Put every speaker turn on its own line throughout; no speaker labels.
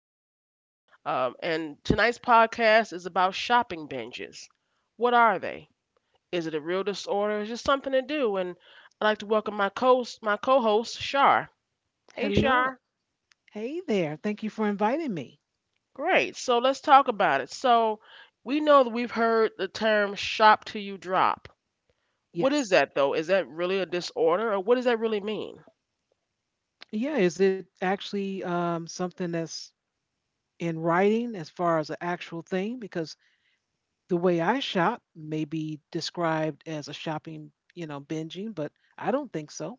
Zahira, and tonight's podcast is about shopping binges. What are they? Is it a real disorder? Is it something to do? And I'd like to welcome my co-host Shar. Hey Shar.
Hello. Hey there. Thank you for inviting me.
Great. So let's talk about it. So we know that we've heard the term "shop till you drop." What is
Yes.
that though? Is that really a disorder, or what does that really mean?
Yeah, is it actually something that's in writing as far as an actual thing? Because the way I shop may be described as a shopping, binging, but I don't think so.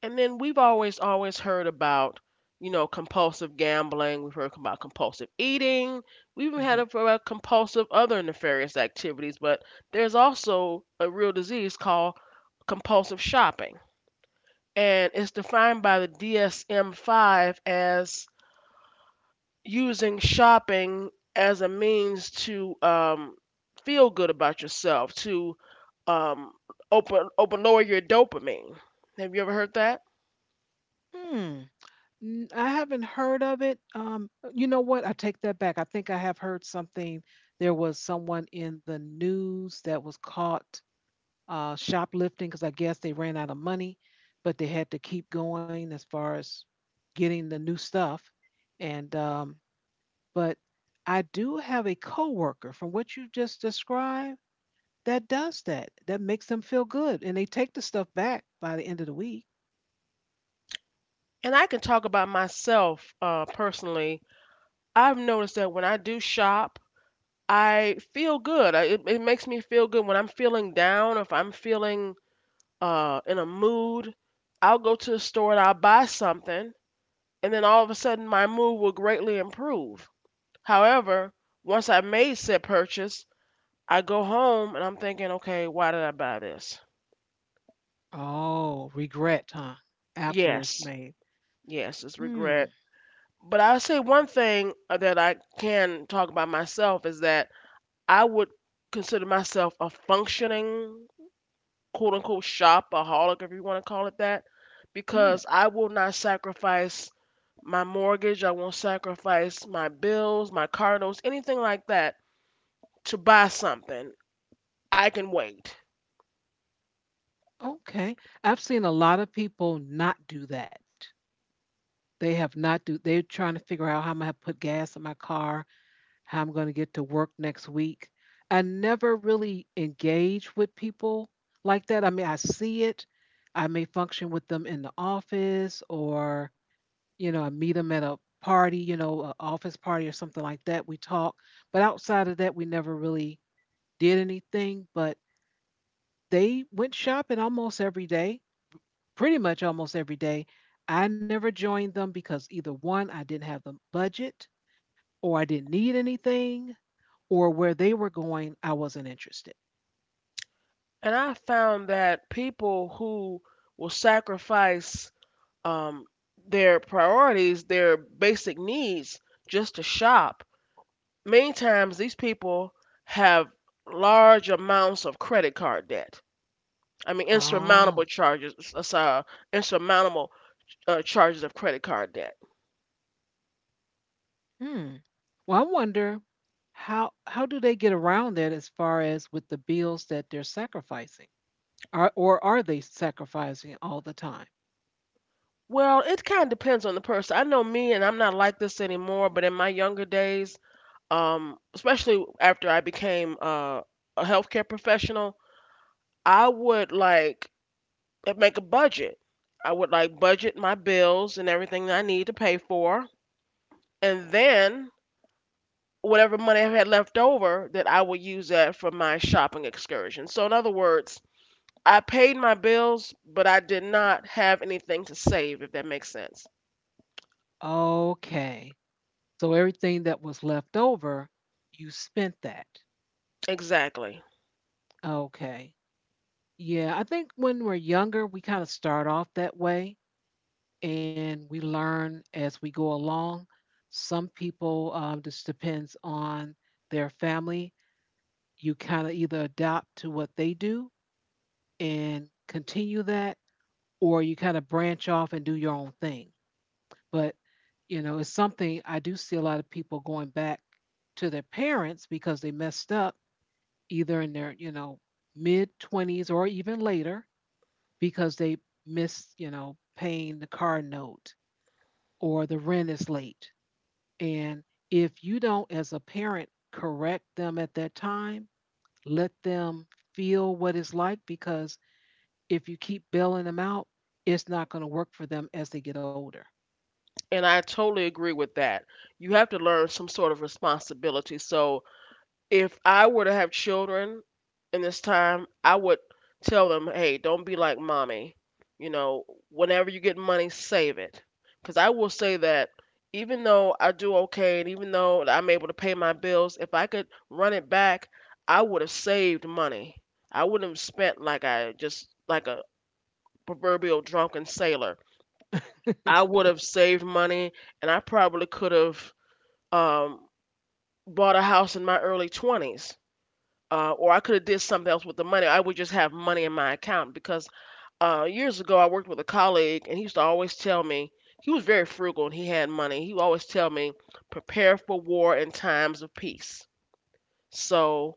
And then we've always heard about, compulsive gambling. We've heard about compulsive eating. We even had
hmm
about compulsive other nefarious activities. But there's also a real disease called compulsive shopping. And it's defined by the DSM 5 as using shopping as a means to feel good about yourself, to um, open, lower your dopamine. Have you ever heard that?
Hmm. I haven't heard of it. You know what? I take that back. I think I have heard something. There was someone in the news that was caught shoplifting because I guess they ran out of money, but they had to keep going as far as getting the new stuff. And but I do have a coworker from what you just described that does that. That makes them feel good, and they take the stuff back by the end of the week.
And I can talk about myself personally. I've noticed that when I do shop, I feel good. It makes me feel good when I'm feeling down, if I'm feeling in a mood. I'll go to the store and I'll buy something, and then all of a sudden my mood will greatly improve. However, once I made said purchase, I go home and I'm thinking, okay, why did I buy this?
Oh, regret, huh? After it's
Yes,
made.
yes, it's
Hmm.
regret. But I say one thing that I can talk about myself is that I would consider myself a functioning quote unquote shopaholic, if you want to call it that,
Hmm.
because I will not sacrifice my mortgage, I won't sacrifice my bills, my car notes, anything like that to buy something. I can wait.
Okay, I've seen a lot of people not do that. They have not do they're trying to figure out how I'm gonna put gas in my car, how I'm gonna get to work next week. I never really engage with people like that. I mean, I see it. I may function with them in the office, or, you know, I meet them at a party, you know, an office party or something like that. We talk. But outside of that, we never really did anything. But they went shopping almost every day, pretty much almost every day. I never joined them because either one, I didn't have the budget, or I didn't need anything, or where they were going, I wasn't interested.
And I found that people who will sacrifice um, their priorities, their basic needs, just to shop. Many times these people have large amounts of credit card debt. I mean, insurmountable
Oh,
charges, insurmountable charges of credit card debt.
hmm. Well, I wonder how do they get around that as far as with the bills that they're sacrificing? Are or are they sacrificing all the time?
Well, it kind of depends on the person. I know me, and I'm not like this anymore. But in my younger days, especially after I became a healthcare professional, I would like make a budget. I would like budget my bills and everything that I need to pay for, and then whatever money I had left over that I would use that for my shopping excursion. So in other words, I paid my bills, but I did not have anything to save, if that makes sense.
Okay, so everything that was left over, you spent that.
Exactly.
Okay. Yeah, I think when we're younger, we kind of start off that way and we learn as we go along. Some people just depends on their family. You kind of either adopt to what they do and continue that, or you kind of branch off and do your own thing. But, you know, it's something. I do see a lot of people going back to their parents because they messed up either in their, you know, mid 20s or even later because they miss, you know, paying the car note or the rent is late. And if you don't, as a parent, correct them at that time, let them feel what it's like, because if you keep bailing them out, it's not going to work for them as they get older.
And I totally agree with that. You have to learn some sort of responsibility. So if I were to have children in this time, I would tell them, hey, don't be like mommy. You know, whenever you get money, save it. Because I will say that even though I do okay and even though I'm able to pay my bills, if I could run it back, I would have saved money. I wouldn't have spent like I just, like a proverbial drunken sailor. I would have saved money and I probably could have um, bought a house in my early 20s or I could have did something else with the money. I would just have money in my account because years ago I worked with a colleague and he used to always tell me he was very frugal and he had money. He would always tell me prepare for war in times of peace. So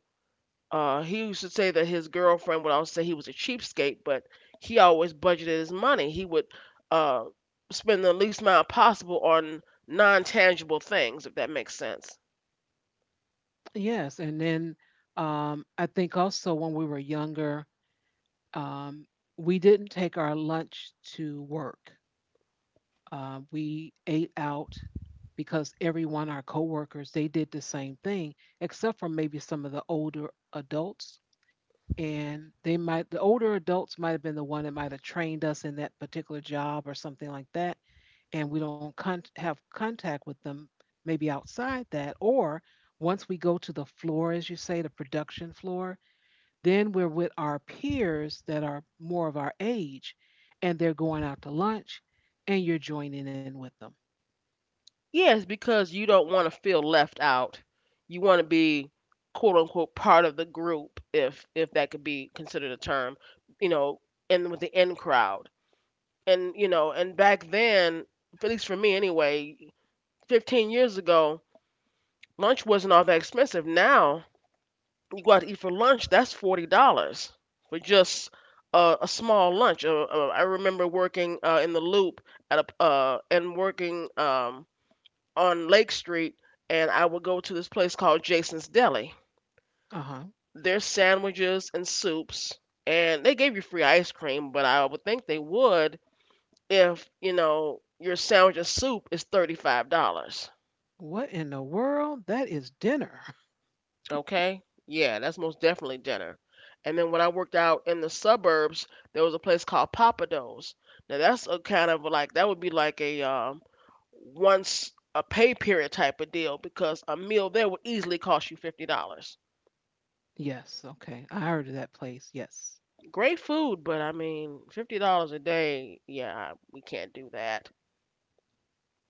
he used to say that his girlfriend would always say he was a cheapskate, but he always budgeted his money. He would uh, spend the least amount possible on non-tangible things, if that makes sense.
Yes, and then I think also when we were younger, um, we didn't take our lunch to work. We ate out because everyone, our coworkers, they did the same thing, except for maybe some of the older adults. And they might, the older adults might have been the one that might have trained us in that particular job or something like that. And we don't have contact with them maybe outside that. Or once we go to the floor, as you say, the production floor, then we're with our peers that are more of our age, and they're going out to lunch and you're joining in with them.
Yes, because you don't want to feel left out. You want to be quote unquote part of the group if that could be considered a term, you know, and with the in crowd. And you know, and back then, at least for me anyway, 15 years ago, lunch wasn't all that expensive. Now, you go out to eat for lunch, that's $40 for just a small lunch. I remember working in the Loop at a and working on Lake Street, and I would go to this place called Jason's Deli.
Uh huh.
Their sandwiches and soups, and they gave you free ice cream, but I would think they would if, you know, your sandwich and soup is $35.
What in the world? That is dinner.
Okay? Yeah, that's most definitely dinner. And then when I worked out in the suburbs, there was a place called Papados. Now that's a kind of like that would be like a once a pay period type of deal because a meal there would easily cost you $50.
Yes, okay. I heard of that place. Yes.
Great food, but I mean, $50 a day, yeah, we can't do that.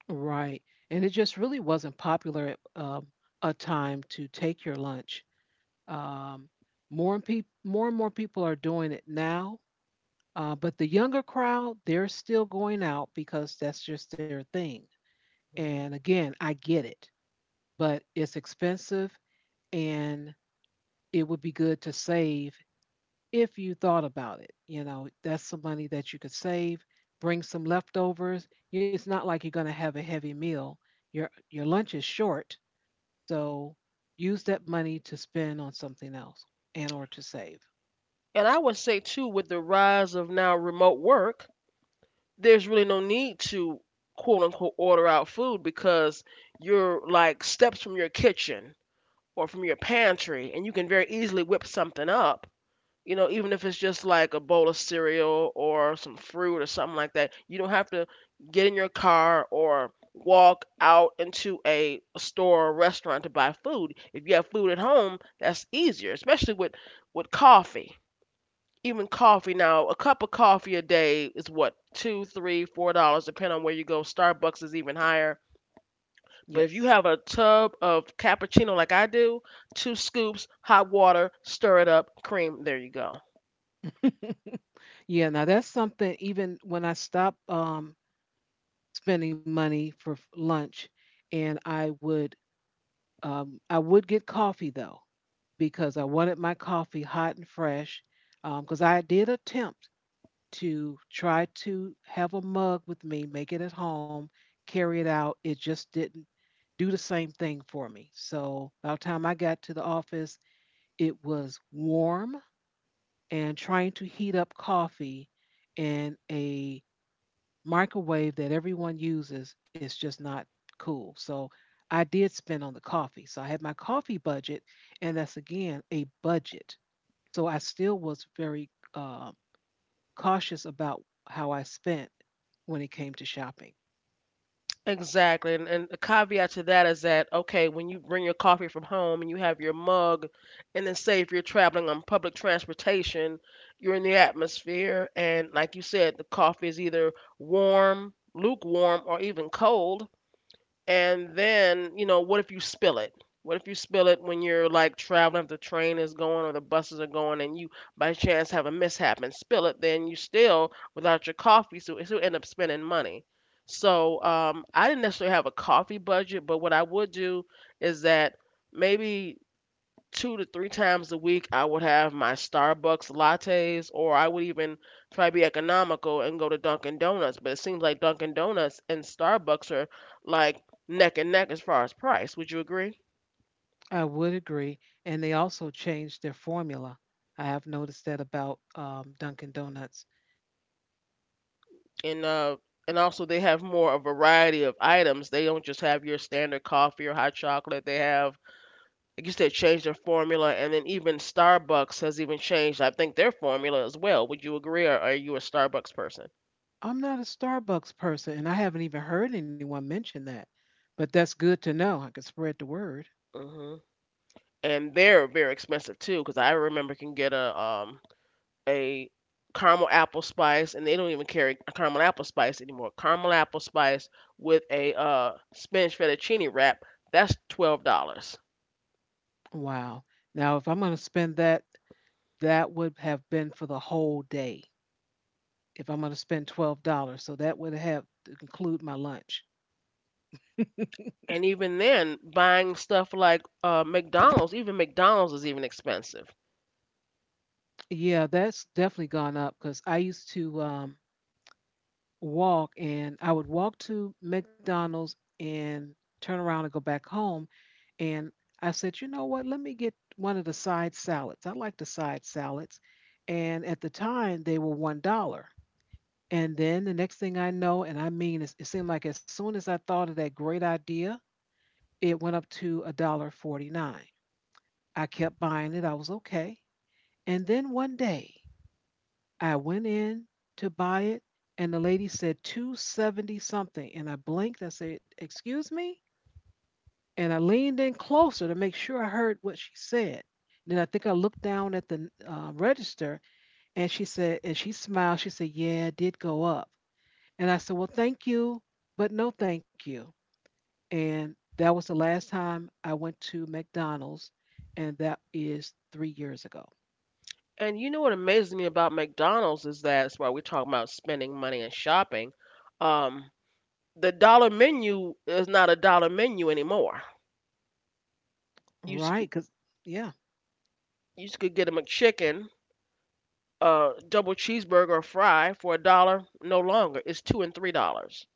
Right. And it just really wasn't popular at a time to take your lunch. Um, More and more people are doing it now. But the younger crowd, they're still going out because that's just their thing. And
hmm
again, I get it, but it's expensive, and it would be good to save if you thought about it. You know, that's some money that you could save, bring some leftovers. It's not like you're going to have a heavy meal. Your lunch is short, so use that money to spend on something else and or to save.
And I would say too, with the rise of now remote work, there's really no need to quote unquote order out food because you're like steps from your kitchen or from your pantry, and you can very easily whip something up, you know, even if it's just like a bowl of cereal or some fruit or something like that, you don't have to get in your car or walk out into a store or restaurant to buy food. If you have food at home, that's easier, especially with coffee. Even coffee now, a cup of coffee a day is what, two, three, $4, depending on where you go. Starbucks is even higher. But if you
Yes.
have a tub of cappuccino like I do, two scoops, hot water, stir it up, cream, there you go.
Yeah, now that's something. Even when I stopped um, spending money for lunch, and I would get coffee though, because I wanted my coffee hot and fresh. Because I did attempt to try to have a mug with me, make it at home, carry it out. It just didn't do the same thing for me. So by the time I got to the office, it was warm, and trying to heat up coffee in a microwave that everyone uses is just not cool. So I did spend on the coffee. So I had my coffee budget, and that's again a budget. So I still was very cautious about how I spent when it came to shopping.
Exactly. And a caveat to that is that, okay, when you bring your coffee from home and you have your mug, and then say if you're traveling on public transportation, you're in the atmosphere. And like you said, the coffee is either warm, lukewarm, or even cold. And then, you know, what if you spill it? What if you spill it when you're like traveling, if the train is going or the buses are going, and you by chance have a mishap and spill it, then you still without your coffee, so you end up spending money. So I didn't necessarily have a coffee budget, but what I would do is that maybe two to three times a week I would have my Starbucks lattes or I would even try to be economical and go to Dunkin' Donuts. But it seems like Dunkin' Donuts and Starbucks are like neck and neck as far as price. Would you agree?
I would agree. And they also changed their formula. I have noticed that about Dunkin' Donuts.
And uh and also they have more a variety of items. They don't just have your standard coffee or hot chocolate. They have, like you said, changed their formula and then even Starbucks has even changed I think their formula as well. Would you agree or are you a Starbucks person?
I'm not a Starbucks person, and I haven't even heard anyone mention that. But that's good to know. I could spread the word.
hmm and they're very expensive too because I remember can get a a caramel apple spice and they don't even carry a caramel apple spice anymore. Caramel apple spice with a spinach fettuccine wrap, that's $12.
Wow. Now, if I'm going to spend that, that would have been for the whole day. If I'm going to spend $12, so that would have to include my lunch.
And even then buying stuff like mcdonald's, even mcdonald's is even expensive.
Yeah, that's definitely gone up, because I used to walk, and I would walk to McDonald's and turn around and go back home. And I said, you know what? Let me get one of the side salads. I like the side salads. And at the time, they were $1. And then the next thing I know, and I mean, it seemed like as soon as I thought of that great idea, it went up to a dollar 49. I kept buying it. I was okay. And then one day, I went in to buy it, and the lady said 270 something. And I blinked. I said, excuse me? And I leaned in closer to make sure I heard what she said. And then I think I looked down at the register, and she said, and she smiled. She said, yeah, it did go up. And I said, well, thank you, but no thank you. And that was the last time I went to McDonald's. And that is 3 years ago.
And you know what amazes me about mcdonald's is that, that's why we're talking about spending money and shopping. um the dollar menu is not a dollar menu anymore. you s-
Right. Because, yeah.
You could get a McChicken, a double cheeseburger, or fry for a dollar no longer. It's $2 and $3,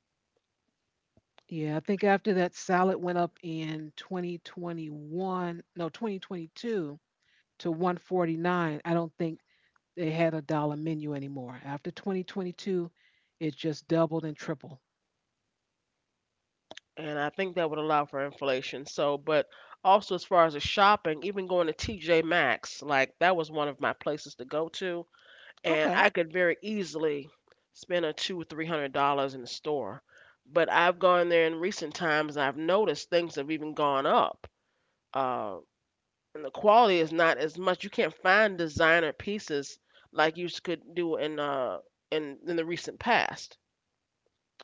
Yeah. I think after that salad went up in 2021, no, 2022 to 149, I don't think they had a dollar menu anymore. After 2022, it just doubled and tripled.
and I think that would allow for inflation. So, but also as far as the shopping, even going to TJ Maxx, like that was one of my places to go to, and
Okay.
I could very easily spend a two or three hundred dollars in the store. But I've gone there in recent times, and I've noticed things have even gone up. Uh, and the quality is not as much. You can't find designer pieces like could do in in the recent past.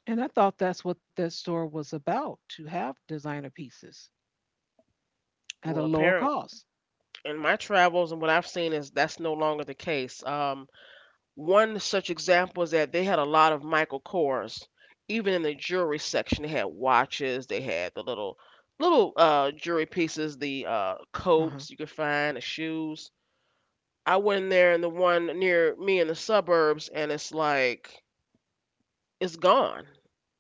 And I thought that's what that store was about, to have designer pieces at a
Well,
lower
apparent
cost.
in my travels and what I've seen is that's no longer the case. One such example is that they had a lot of Michael Kors, even in the jewelry section. They had watches, they had the little jewelry pieces, the
Uh huh.
coats you could find, the shoes. I went in there in the one near me in the suburbs, and it's like it's gone.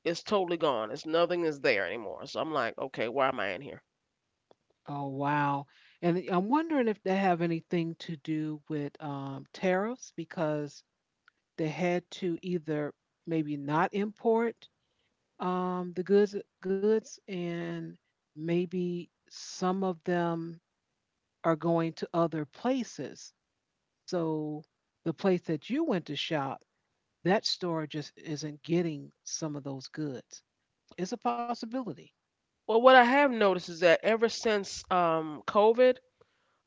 It's totally gone. It's nothing is there anymore. So I'm like, okay, why am I in here?
Oh, wow. And I'm wondering if they have anything to do with tariffs, because they had to either maybe not import um, the goods, goods, and maybe some of them are going to other places. So the place that you went to shop, that store just isn't getting some of those goods. It's a possibility.
Well, what I have noticed is that ever since COVID,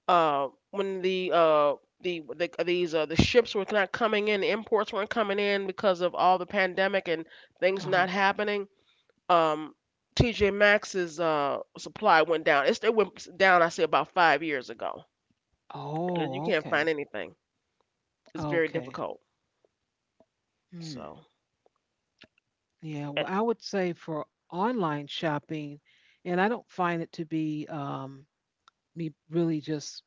when the ships were not coming in, the imports weren't coming in because of all the pandemic and things
Uh-huh.
not happening. Um, TJ Maxx's supply went down. It went down, I say, about 5 years ago because you
Oh,
can't find
okay.
anything. It's very
Okay.
difficult.
Hmm.
So.
Yeah.
and,
Well, I would say for online shopping, and I don't find it to be me really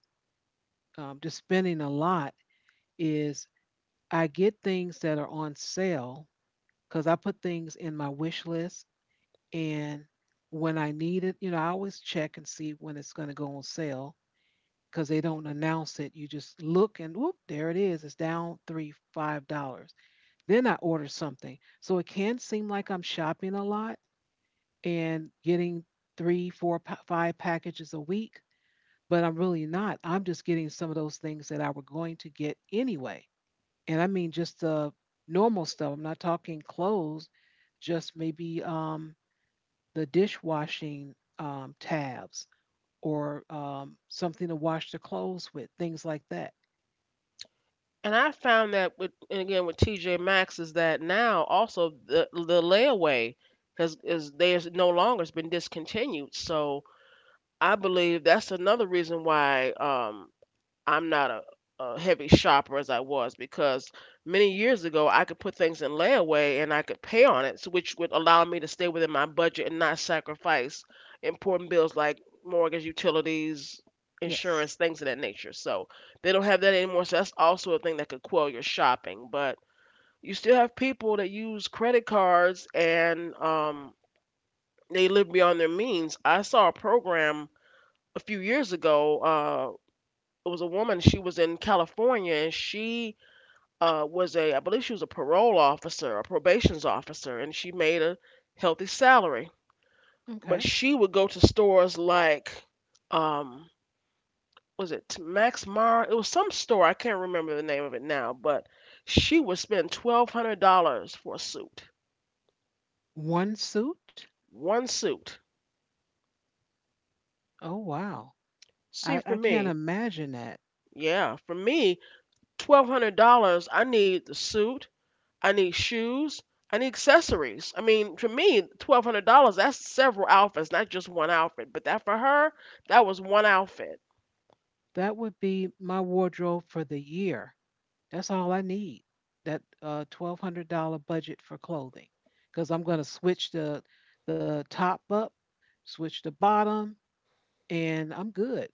just spending a lot. Is I get things that are on sale because I put things in my wish list, and when I need it, you know, I always check and see when it's going to go on sale, because they don't announce it. You just look and whoop, there it is. It's down three, $5. Then I order something. So it can seem like I'm shopping a lot and getting three, four, five packages a week, but I'm really not. I'm just getting some of those things that I were going to get anyway. And I mean just the normal stuff. I'm not talking clothes, just maybe the dishwashing tabs, or something to wash the clothes with, things like that.
And I found that with and again with TJ Maxx is that now also the layaway has is there's no longer, it's been discontinued. So I believe that's another reason why I'm not a heavy shopper as I was, because many years ago I could put things in layaway and I could pay on it, so which would allow me to stay within my budget and not sacrifice important bills like mortgage, utilities,
Yes.
insurance, things of that nature. So they don't have that anymore. So that's also a thing that could quell your shopping. But you still have people that use credit cards and they live beyond their means. I saw a program a few years ago. It was a woman. She was in California, and she was I believe she was a parole officer, a probation's officer, and she made a healthy salary.
Okay.
But she would go to stores like, um, was it Max Mara? It was some store. I can't remember the name of it now, but she would spend $1,200 for a suit,
One suit?
one suit.
Oh, wow.
See,
I,
for
I can't
me,
imagine that.
yeah, for me, $1,200. I need the suit. I need shoes. I need accessories. I mean, for me, $1,200, that's several outfits, not just one outfit. But that for her, that was one outfit.
That would be my wardrobe for the year. That's all I need. That $1,200 budget for clothing. Because I'm going to switch the top up, switch the bottom, and I'm good.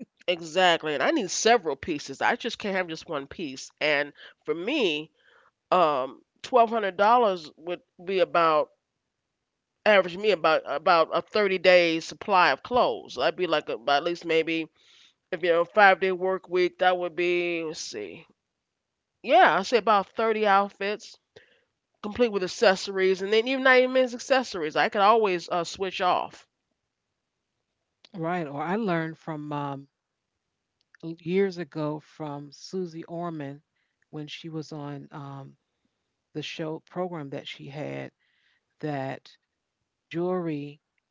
Exactly. And I need several pieces. I just can't have just one piece. And for me, $1,200 would be about average me about a 30 day supply of clothes. That'd be like about at least maybe, if you know, 5 day work week, that would be, let's see. Yeah, I say about 30 outfits complete with accessories, and then even not even as accessories. I could always switch off.
Right. Or I learned from years ago from Susie Orman when she was on the show program that she had, that jewelry.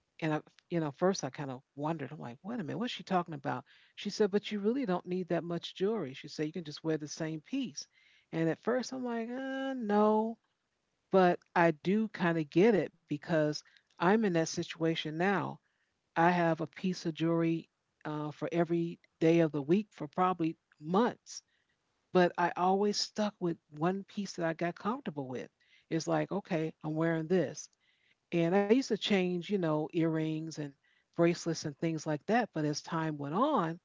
And I, you know, first I kind of wondered, I'm like, wait a minute, what's she talking about? She said, but you really don't need that much jewelry. She said, you can just wear the same piece. And at first I'm like, no, but I do kind of get it, because I'm in that situation now. I have a piece of jewelry for every day of the week for probably months, but I always stuck with one piece that I got comfortable with. It's like, okay, I'm wearing this. And I used to change, you know, earrings and bracelets and things like that. But as time went on,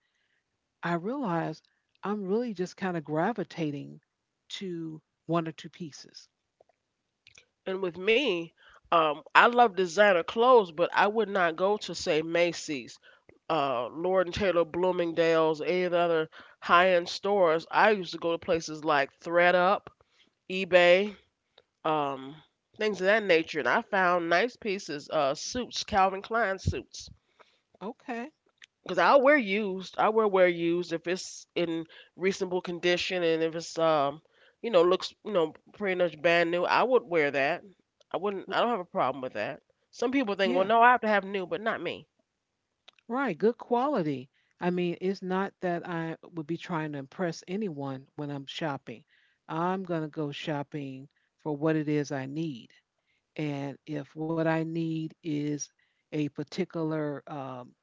I realized I'm really just kind of gravitating to one or two pieces.
And with me, I love designer clothes, but I would not go to say Macy's, Lord and Taylor, Bloomingdale's, any of the other high-end stores. I used to go to places like ThreadUp, eBay, um, things of that nature, and I found nice pieces, suits, Calvin Klein suits.
Okay.
Because I'll wear used. I will wear used if it's in reasonable condition and if it's you know, looks, you know, pretty much brand new. I would wear that. I wouldn't.
R-
I don't have a problem with that. Some people think,
Yeah.
well, no, I have to have new, but not me.
Right, good quality. I mean, it's not that I would be trying to impress anyone when I'm shopping. I'm going to go shopping for what it is I need. And if what I need is a particular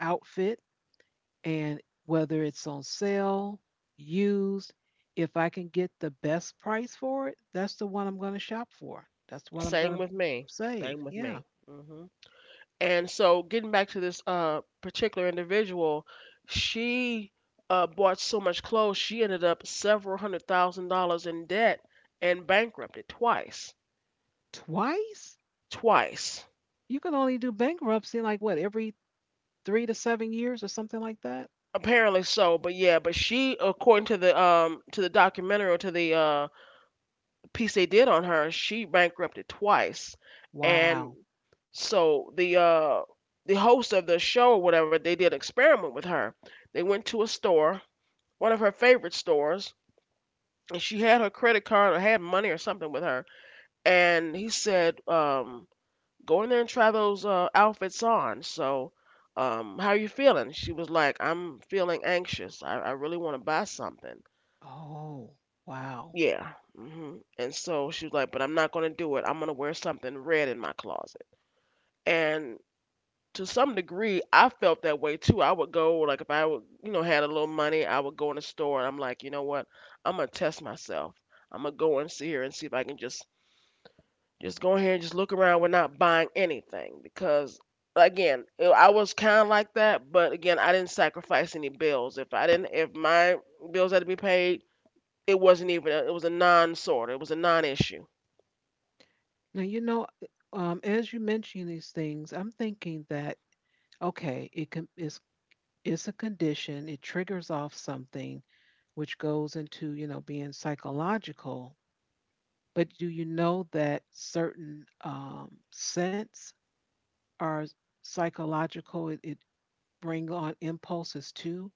outfit, and whether it's on sale, used, if I can get the best price for it, that's the one I'm going to shop for. That's what I'm going
Same
to
with me.
save.
Same with
Yeah.
me. Hmm And so, getting back to this particular individual, she bought so much clothes she ended up several hundred thousand dollars in debt and bankrupted twice.
Twice?
Twice.
You can only do bankruptcy like what, every 3 to 7 years or something like that?
Apparently so, but yeah, but she, according to the documentary or to the piece they did on her, she bankrupted twice,
Wow.
and so the host of the show or whatever, they did an experiment with her. They went to a store, one of her favorite stores, and she had her credit card or had money or something with her, and he said, go in there and try those outfits on. So, how are you feeling? She was like, I'm feeling anxious. I really want to buy something.
Oh, wow.
Yeah. hmm And so she was like, but I'm not going to do it. I'm going to wear something red in my closet. And to some degree, I felt that way too. I would go, like, if I would, you know, had a little money, I would go in the store and I'm like, you know what? I'm going to test myself. I'm going to go and see her and see if I can just go ahead and just look around. We're not buying anything because, again, I was kind of like that, but again, I didn't sacrifice any bills. If I didn't, if my bills had to be paid, it wasn't even. A, it was a non-sort. It was a non-issue.
Now, you know, as you mention these things, I'm thinking that, okay, it's a condition, it triggers off something, which goes into, you know, being psychological. But do you know that certain scents are psychological? It bring on impulses too.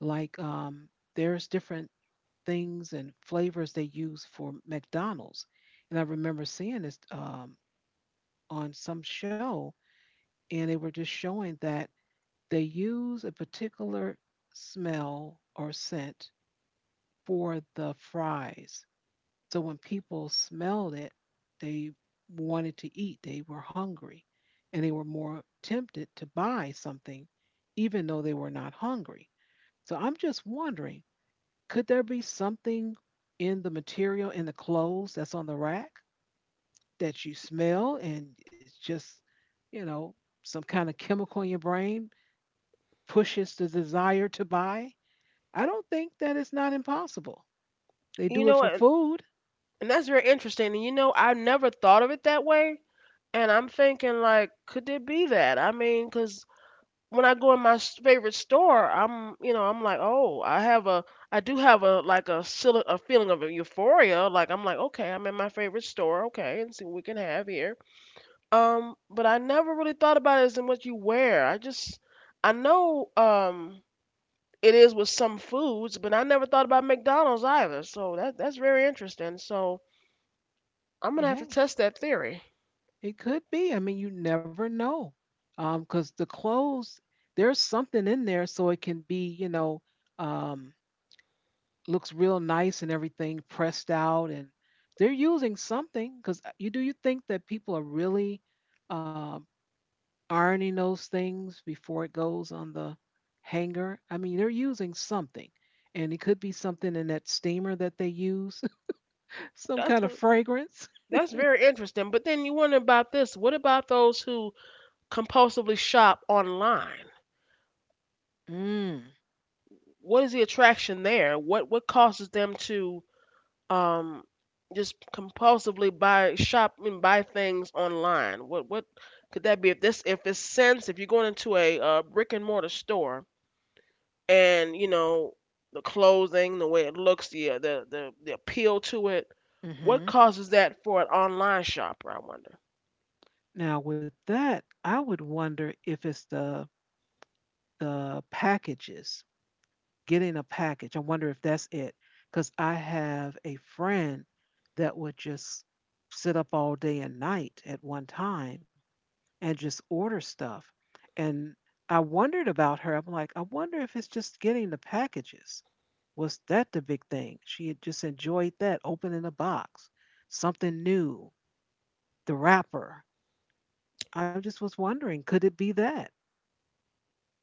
Like there's different things and flavors they use for McDonald's. And I remember seeing this on some show, and they were just showing that they use a particular smell or scent for the fries. So when people smelled it, they wanted to eat, they were hungry, and they were more tempted to buy something, even though they were not hungry. So I'm just wondering, could there be something in the material in the clothes that's on the rack that you smell and it's just, you know, some kind of chemical in your brain pushes the desire to buy? I don't think that it's not impossible. They
You
do it
know,
for
and,
food.
and that's very interesting. And you know, I never thought of it that way. And I'm thinking, like, could it be that? I mean, because when I go in my favorite store, I'm, you know, I'm like, oh, I have a, I do have a like a feeling of euphoria. Like I'm like, okay, I'm in my favorite store, okay, and see what we can have here. But I never really thought about it as in what you wear. I just, I know, it is with some foods, but I never thought about McDonald's either. So that's very interesting. So I'm gonna have
Yeah,
to test that theory.
it could be. I mean, you never know. 'Cause Because the clothes, there's something in there so it can be, you know, um looks real nice and everything pressed out and they're using something because you do you think that people are really um, ironing those things before it goes on the hanger? I mean, they're using something, and it could be something in that steamer that they use, some
That's
kind of fragrance.
that's very interesting. But then you wonder about this. What about those who compulsively shop online?
Mm,
What is the attraction there? What causes them to um just compulsively buy shop and buy things online? What could that be? If this, if it's sense, if you're going into a brick and mortar store and you know the clothing, the way it looks, the appeal to it, what
hmm.
causes that for an online shopper? I wonder.
Now with that, I would wonder if it's the packages, getting a package. I wonder if that's it. Because I have a friend that would just sit up all day and night at one time and just order stuff. And I wondered about her. I'm like, I wonder if it's just getting the packages. Was that the big thing? She had just enjoyed that, opening a box, something new, the wrapper. I just was wondering, could it be that?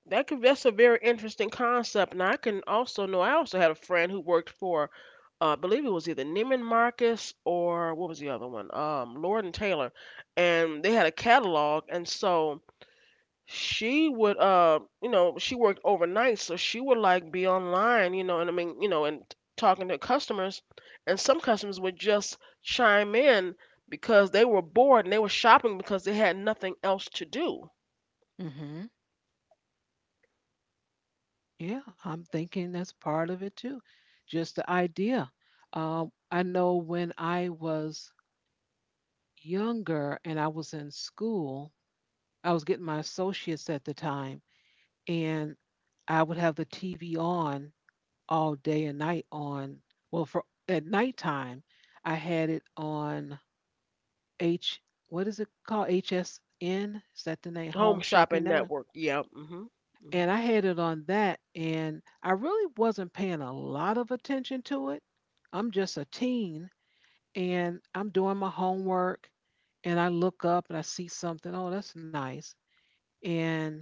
That could, that's a very interesting concept. And I can also know I also had a friend who worked for I believe it was either Neiman Marcus or what was the other one? Lord and Taylor, and they had a catalog, and so she would, you know, she worked overnight, so she would like be online, you know, and I mean, you know, and talking to customers, and some customers would just chime in because they were bored and they were shopping because they had nothing else to do.
Mm-hmm. Yeah, I'm thinking that's part of it too. Just the idea. I know when I was younger and I was in school, I was getting my associates at the time, and I would have the TV on all day and night on. Well, for at nighttime, I had it on H, what is it called? HSN? Is that the name? Home
Home
Shopping
shopping
Network?
network, yeah. hmm hmm
And I had it on that, and I really wasn't paying a lot of attention to it. I'm just a teen, and I'm doing my homework, and I look up and I see something. Oh, that's nice. And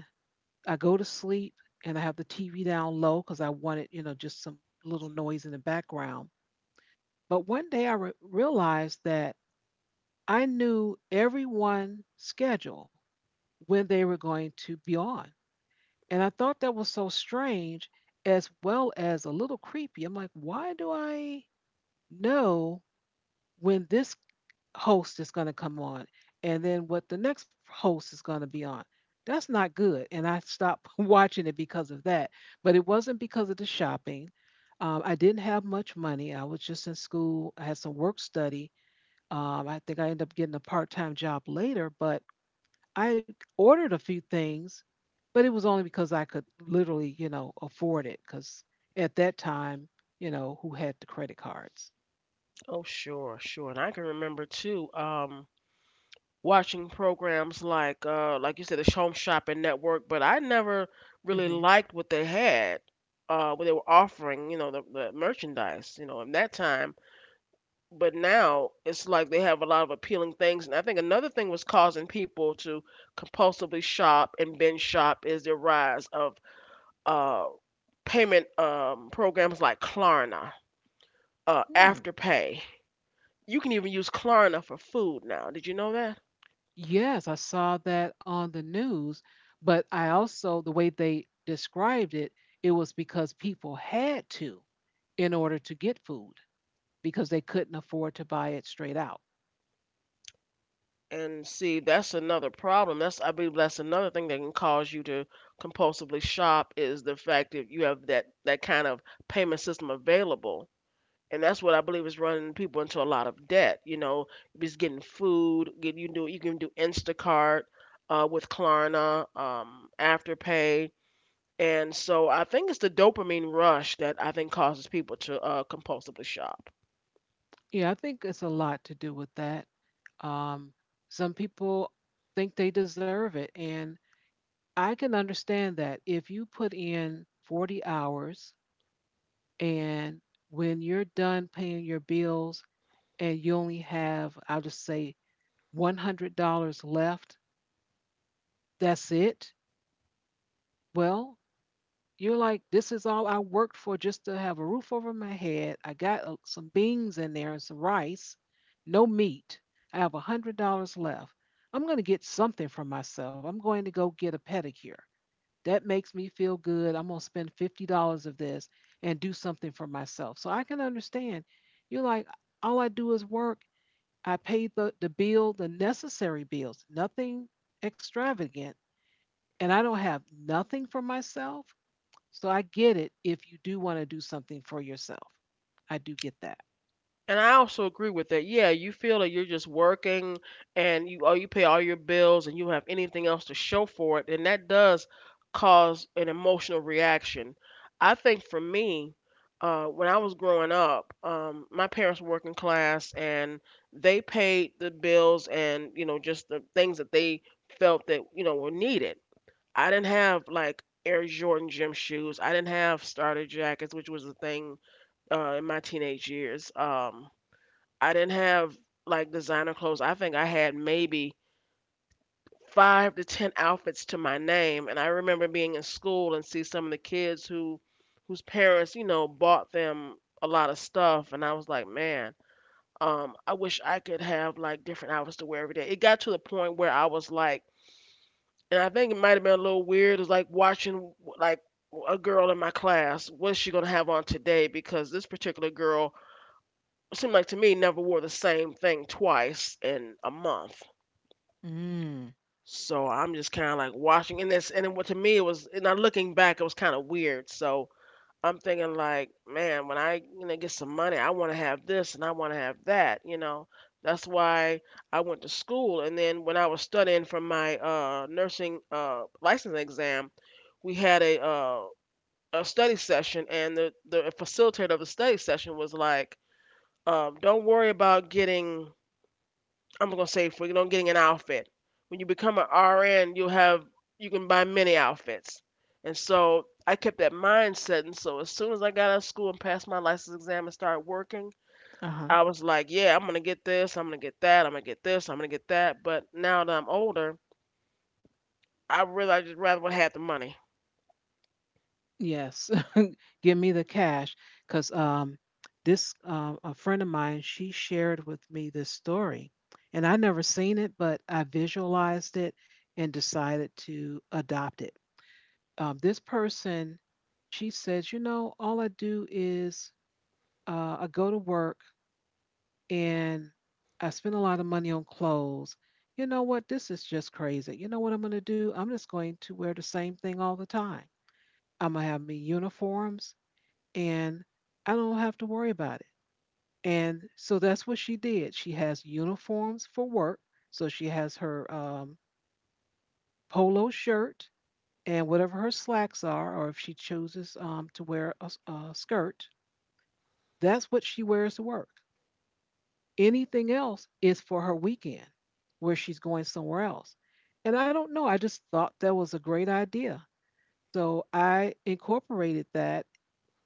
I go to sleep, and I have the TV down low because I wanted, you know, just some little noise in the background. But one day I realized that I knew everyone's schedule when they were going to be on. And I thought that was so strange, as well as a little creepy. I'm like, why do I know when this host is going to come on and then what the next host is going to be on? That's not good. And I stopped watching it because of that. But it wasn't because of the shopping. I didn't have much money. I was just in school. I had some work study. I think I ended up getting a part time job later, but I ordered a few things, but it was only because I could literally, you know, afford it. Because at that time, you know, who had the credit cards?
Oh, sure, sure. And I can remember too, watching programs like you said, the Home Shopping Network, but I never really
Hmm.
liked what they had, what they were offering, you know, the merchandise, you know, in that time. But now it's like they have a lot of appealing things. And I think another thing was causing people to compulsively shop and binge shop is the rise of uh payment programs like Klarna,
Hmm.
Afterpay. You can even use Klarna for food now. Did you know that?
Yes, I saw that on the news, but I also, the way they described it, it was because people had to, in order to get food, because they couldn't afford to buy it straight out.
And see, that's another problem. That's, I believe that's another thing that can cause you to compulsively shop is the fact that you have that kind of payment system available. And that's what I believe is running people into a lot of debt. You know, just getting food. Get, you can do, you can do Instacart with Klarna, Afterpay, and so I think it's the dopamine rush that I think causes people to compulsively shop.
Yeah, I think it's a lot to do with that. Um, some people think they deserve it, and I can understand that if you put in 40 hours and when you're done paying your bills and you only have, I'll just say, $100 left, that's it. Well, you're like, this is all I worked for just to have a roof over my head. I got some beans in there and some rice, no meat. I have $100 left. I'm going to get something for myself. I'm going to go get a pedicure. That makes me feel good. I'm going to spend $50 of this and do something for myself. So I can understand. You're like, all I do is work. I pay the bill, the necessary bills, nothing extravagant. And I don't have nothing for myself. So I get it if you do want to do something for yourself. I do get that.
And I also agree with that. Yeah, you feel that you're just working and you, oh, you pay all your bills and you don't have anything else to show for it, and that does cause an emotional reaction. I think for me, when I was growing up, my parents were working class and they paid the bills and, you know, just the things that they felt that, you know, were needed. I didn't have like Air Jordan gym shoes. I didn't have starter jackets, which was the thing in my teenage years. I didn't have like designer clothes. I think I had maybe 5 to 10 outfits to my name, and I remember being in school and see some of the kids who whose parents, you know, bought them a lot of stuff, and I was like, man, I wish I could have like different outfits to wear every day. It got to the point where I was like, and I think it might have been a little weird, is like watching like a girl in my class, what's she gonna have on today? Because this particular girl, it seemed like to me, never wore the same thing twice in a month.
Mm.
So I'm just kind of like watching and this, and then what to me it was, and now looking back, it was kind of weird. So I'm thinking like, man, when I, you know, get some money, I want to have this and I want to have that. You know, that's why I went to school. And then when I was studying for my nursing license exam, we had a study session, and the facilitator of the study session was like, don't worry about getting, I'm gonna say, for you know getting an outfit, when you become an RN, you'll have, you can buy many outfits. And so I kept that mindset. And so as soon as I got out of school and passed my license exam and started working,
Uh-huh.
I was like, yeah, I'm gonna get this, I'm gonna get that, I'm gonna get this, I'm gonna get that. But now that I'm older, I realized I just rather would have the money.
Yes. Give me the cash, because this a friend of mine, she shared with me this story, and I never seen it, but I visualized it and decided to adopt it. This person, she says, you know, all I do is, I go to work and I spend a lot of money on clothes. You know what, this is just crazy. You know what I'm going to do? I'm just going to wear the same thing all the time. I'm going to have me uniforms, and I don't have to worry about it. And so that's what she did. She has uniforms for work. So she has her polo shirt and whatever her slacks are, or if she chooses to wear a, a skirt, that's what she wears to work. Anything else is for her weekend where she's going somewhere else. And I don't know. I just thought that was a great idea. So I incorporated that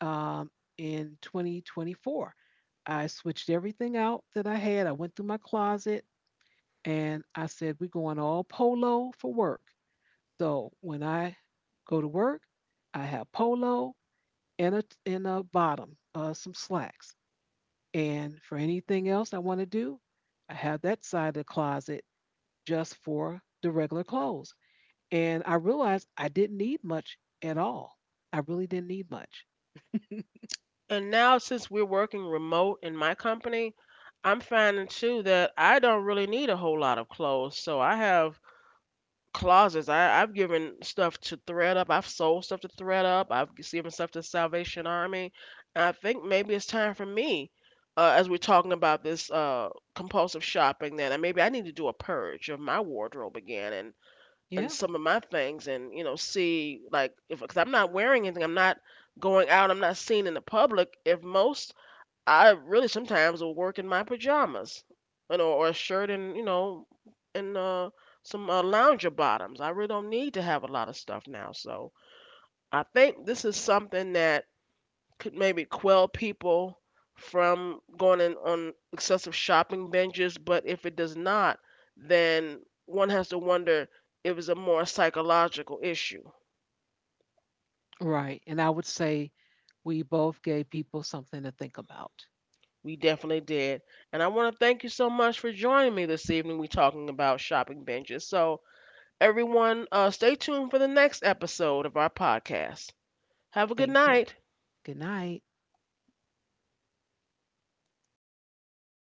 um, in 2024. I switched everything out that I had. I went through my closet, and I said, we're going all polo for work. So when I go to work, I have polo and a bottom, some slacks. And for anything else I want to do, I have that side of the closet just for the regular clothes. And I realized I didn't need much at all. I really didn't need much.
And now since we're working remote in my company, I'm finding too that I don't really need a whole lot of clothes. So I have closets. I've given stuff to Thread Up. I've sold stuff to Thread Up. I've given stuff to Salvation Army. And I think maybe it's time for me, as we're talking about this compulsive shopping, then and maybe I need to do a purge of my wardrobe again, and
Yeah,
some of my things and, you know, see, like, if, because I'm not wearing anything, I'm not going out, I'm not seen in the public. If most, I really sometimes will work in my pajamas, you know, or a shirt and you know, and some lounger bottoms. I really don't need to have a lot of stuff now. So I think this is something that could maybe quell people from going in on excessive shopping binges. But if it does not, then one has to wonder if it's a more psychological issue.
right. And I would say we both gave people something to think about.
We definitely did. And I want to thank you so much for joining me this evening. We're talking about shopping binges. So, everyone, stay tuned for the next episode of our podcast. Have a good
Thank you.
night.
Good night.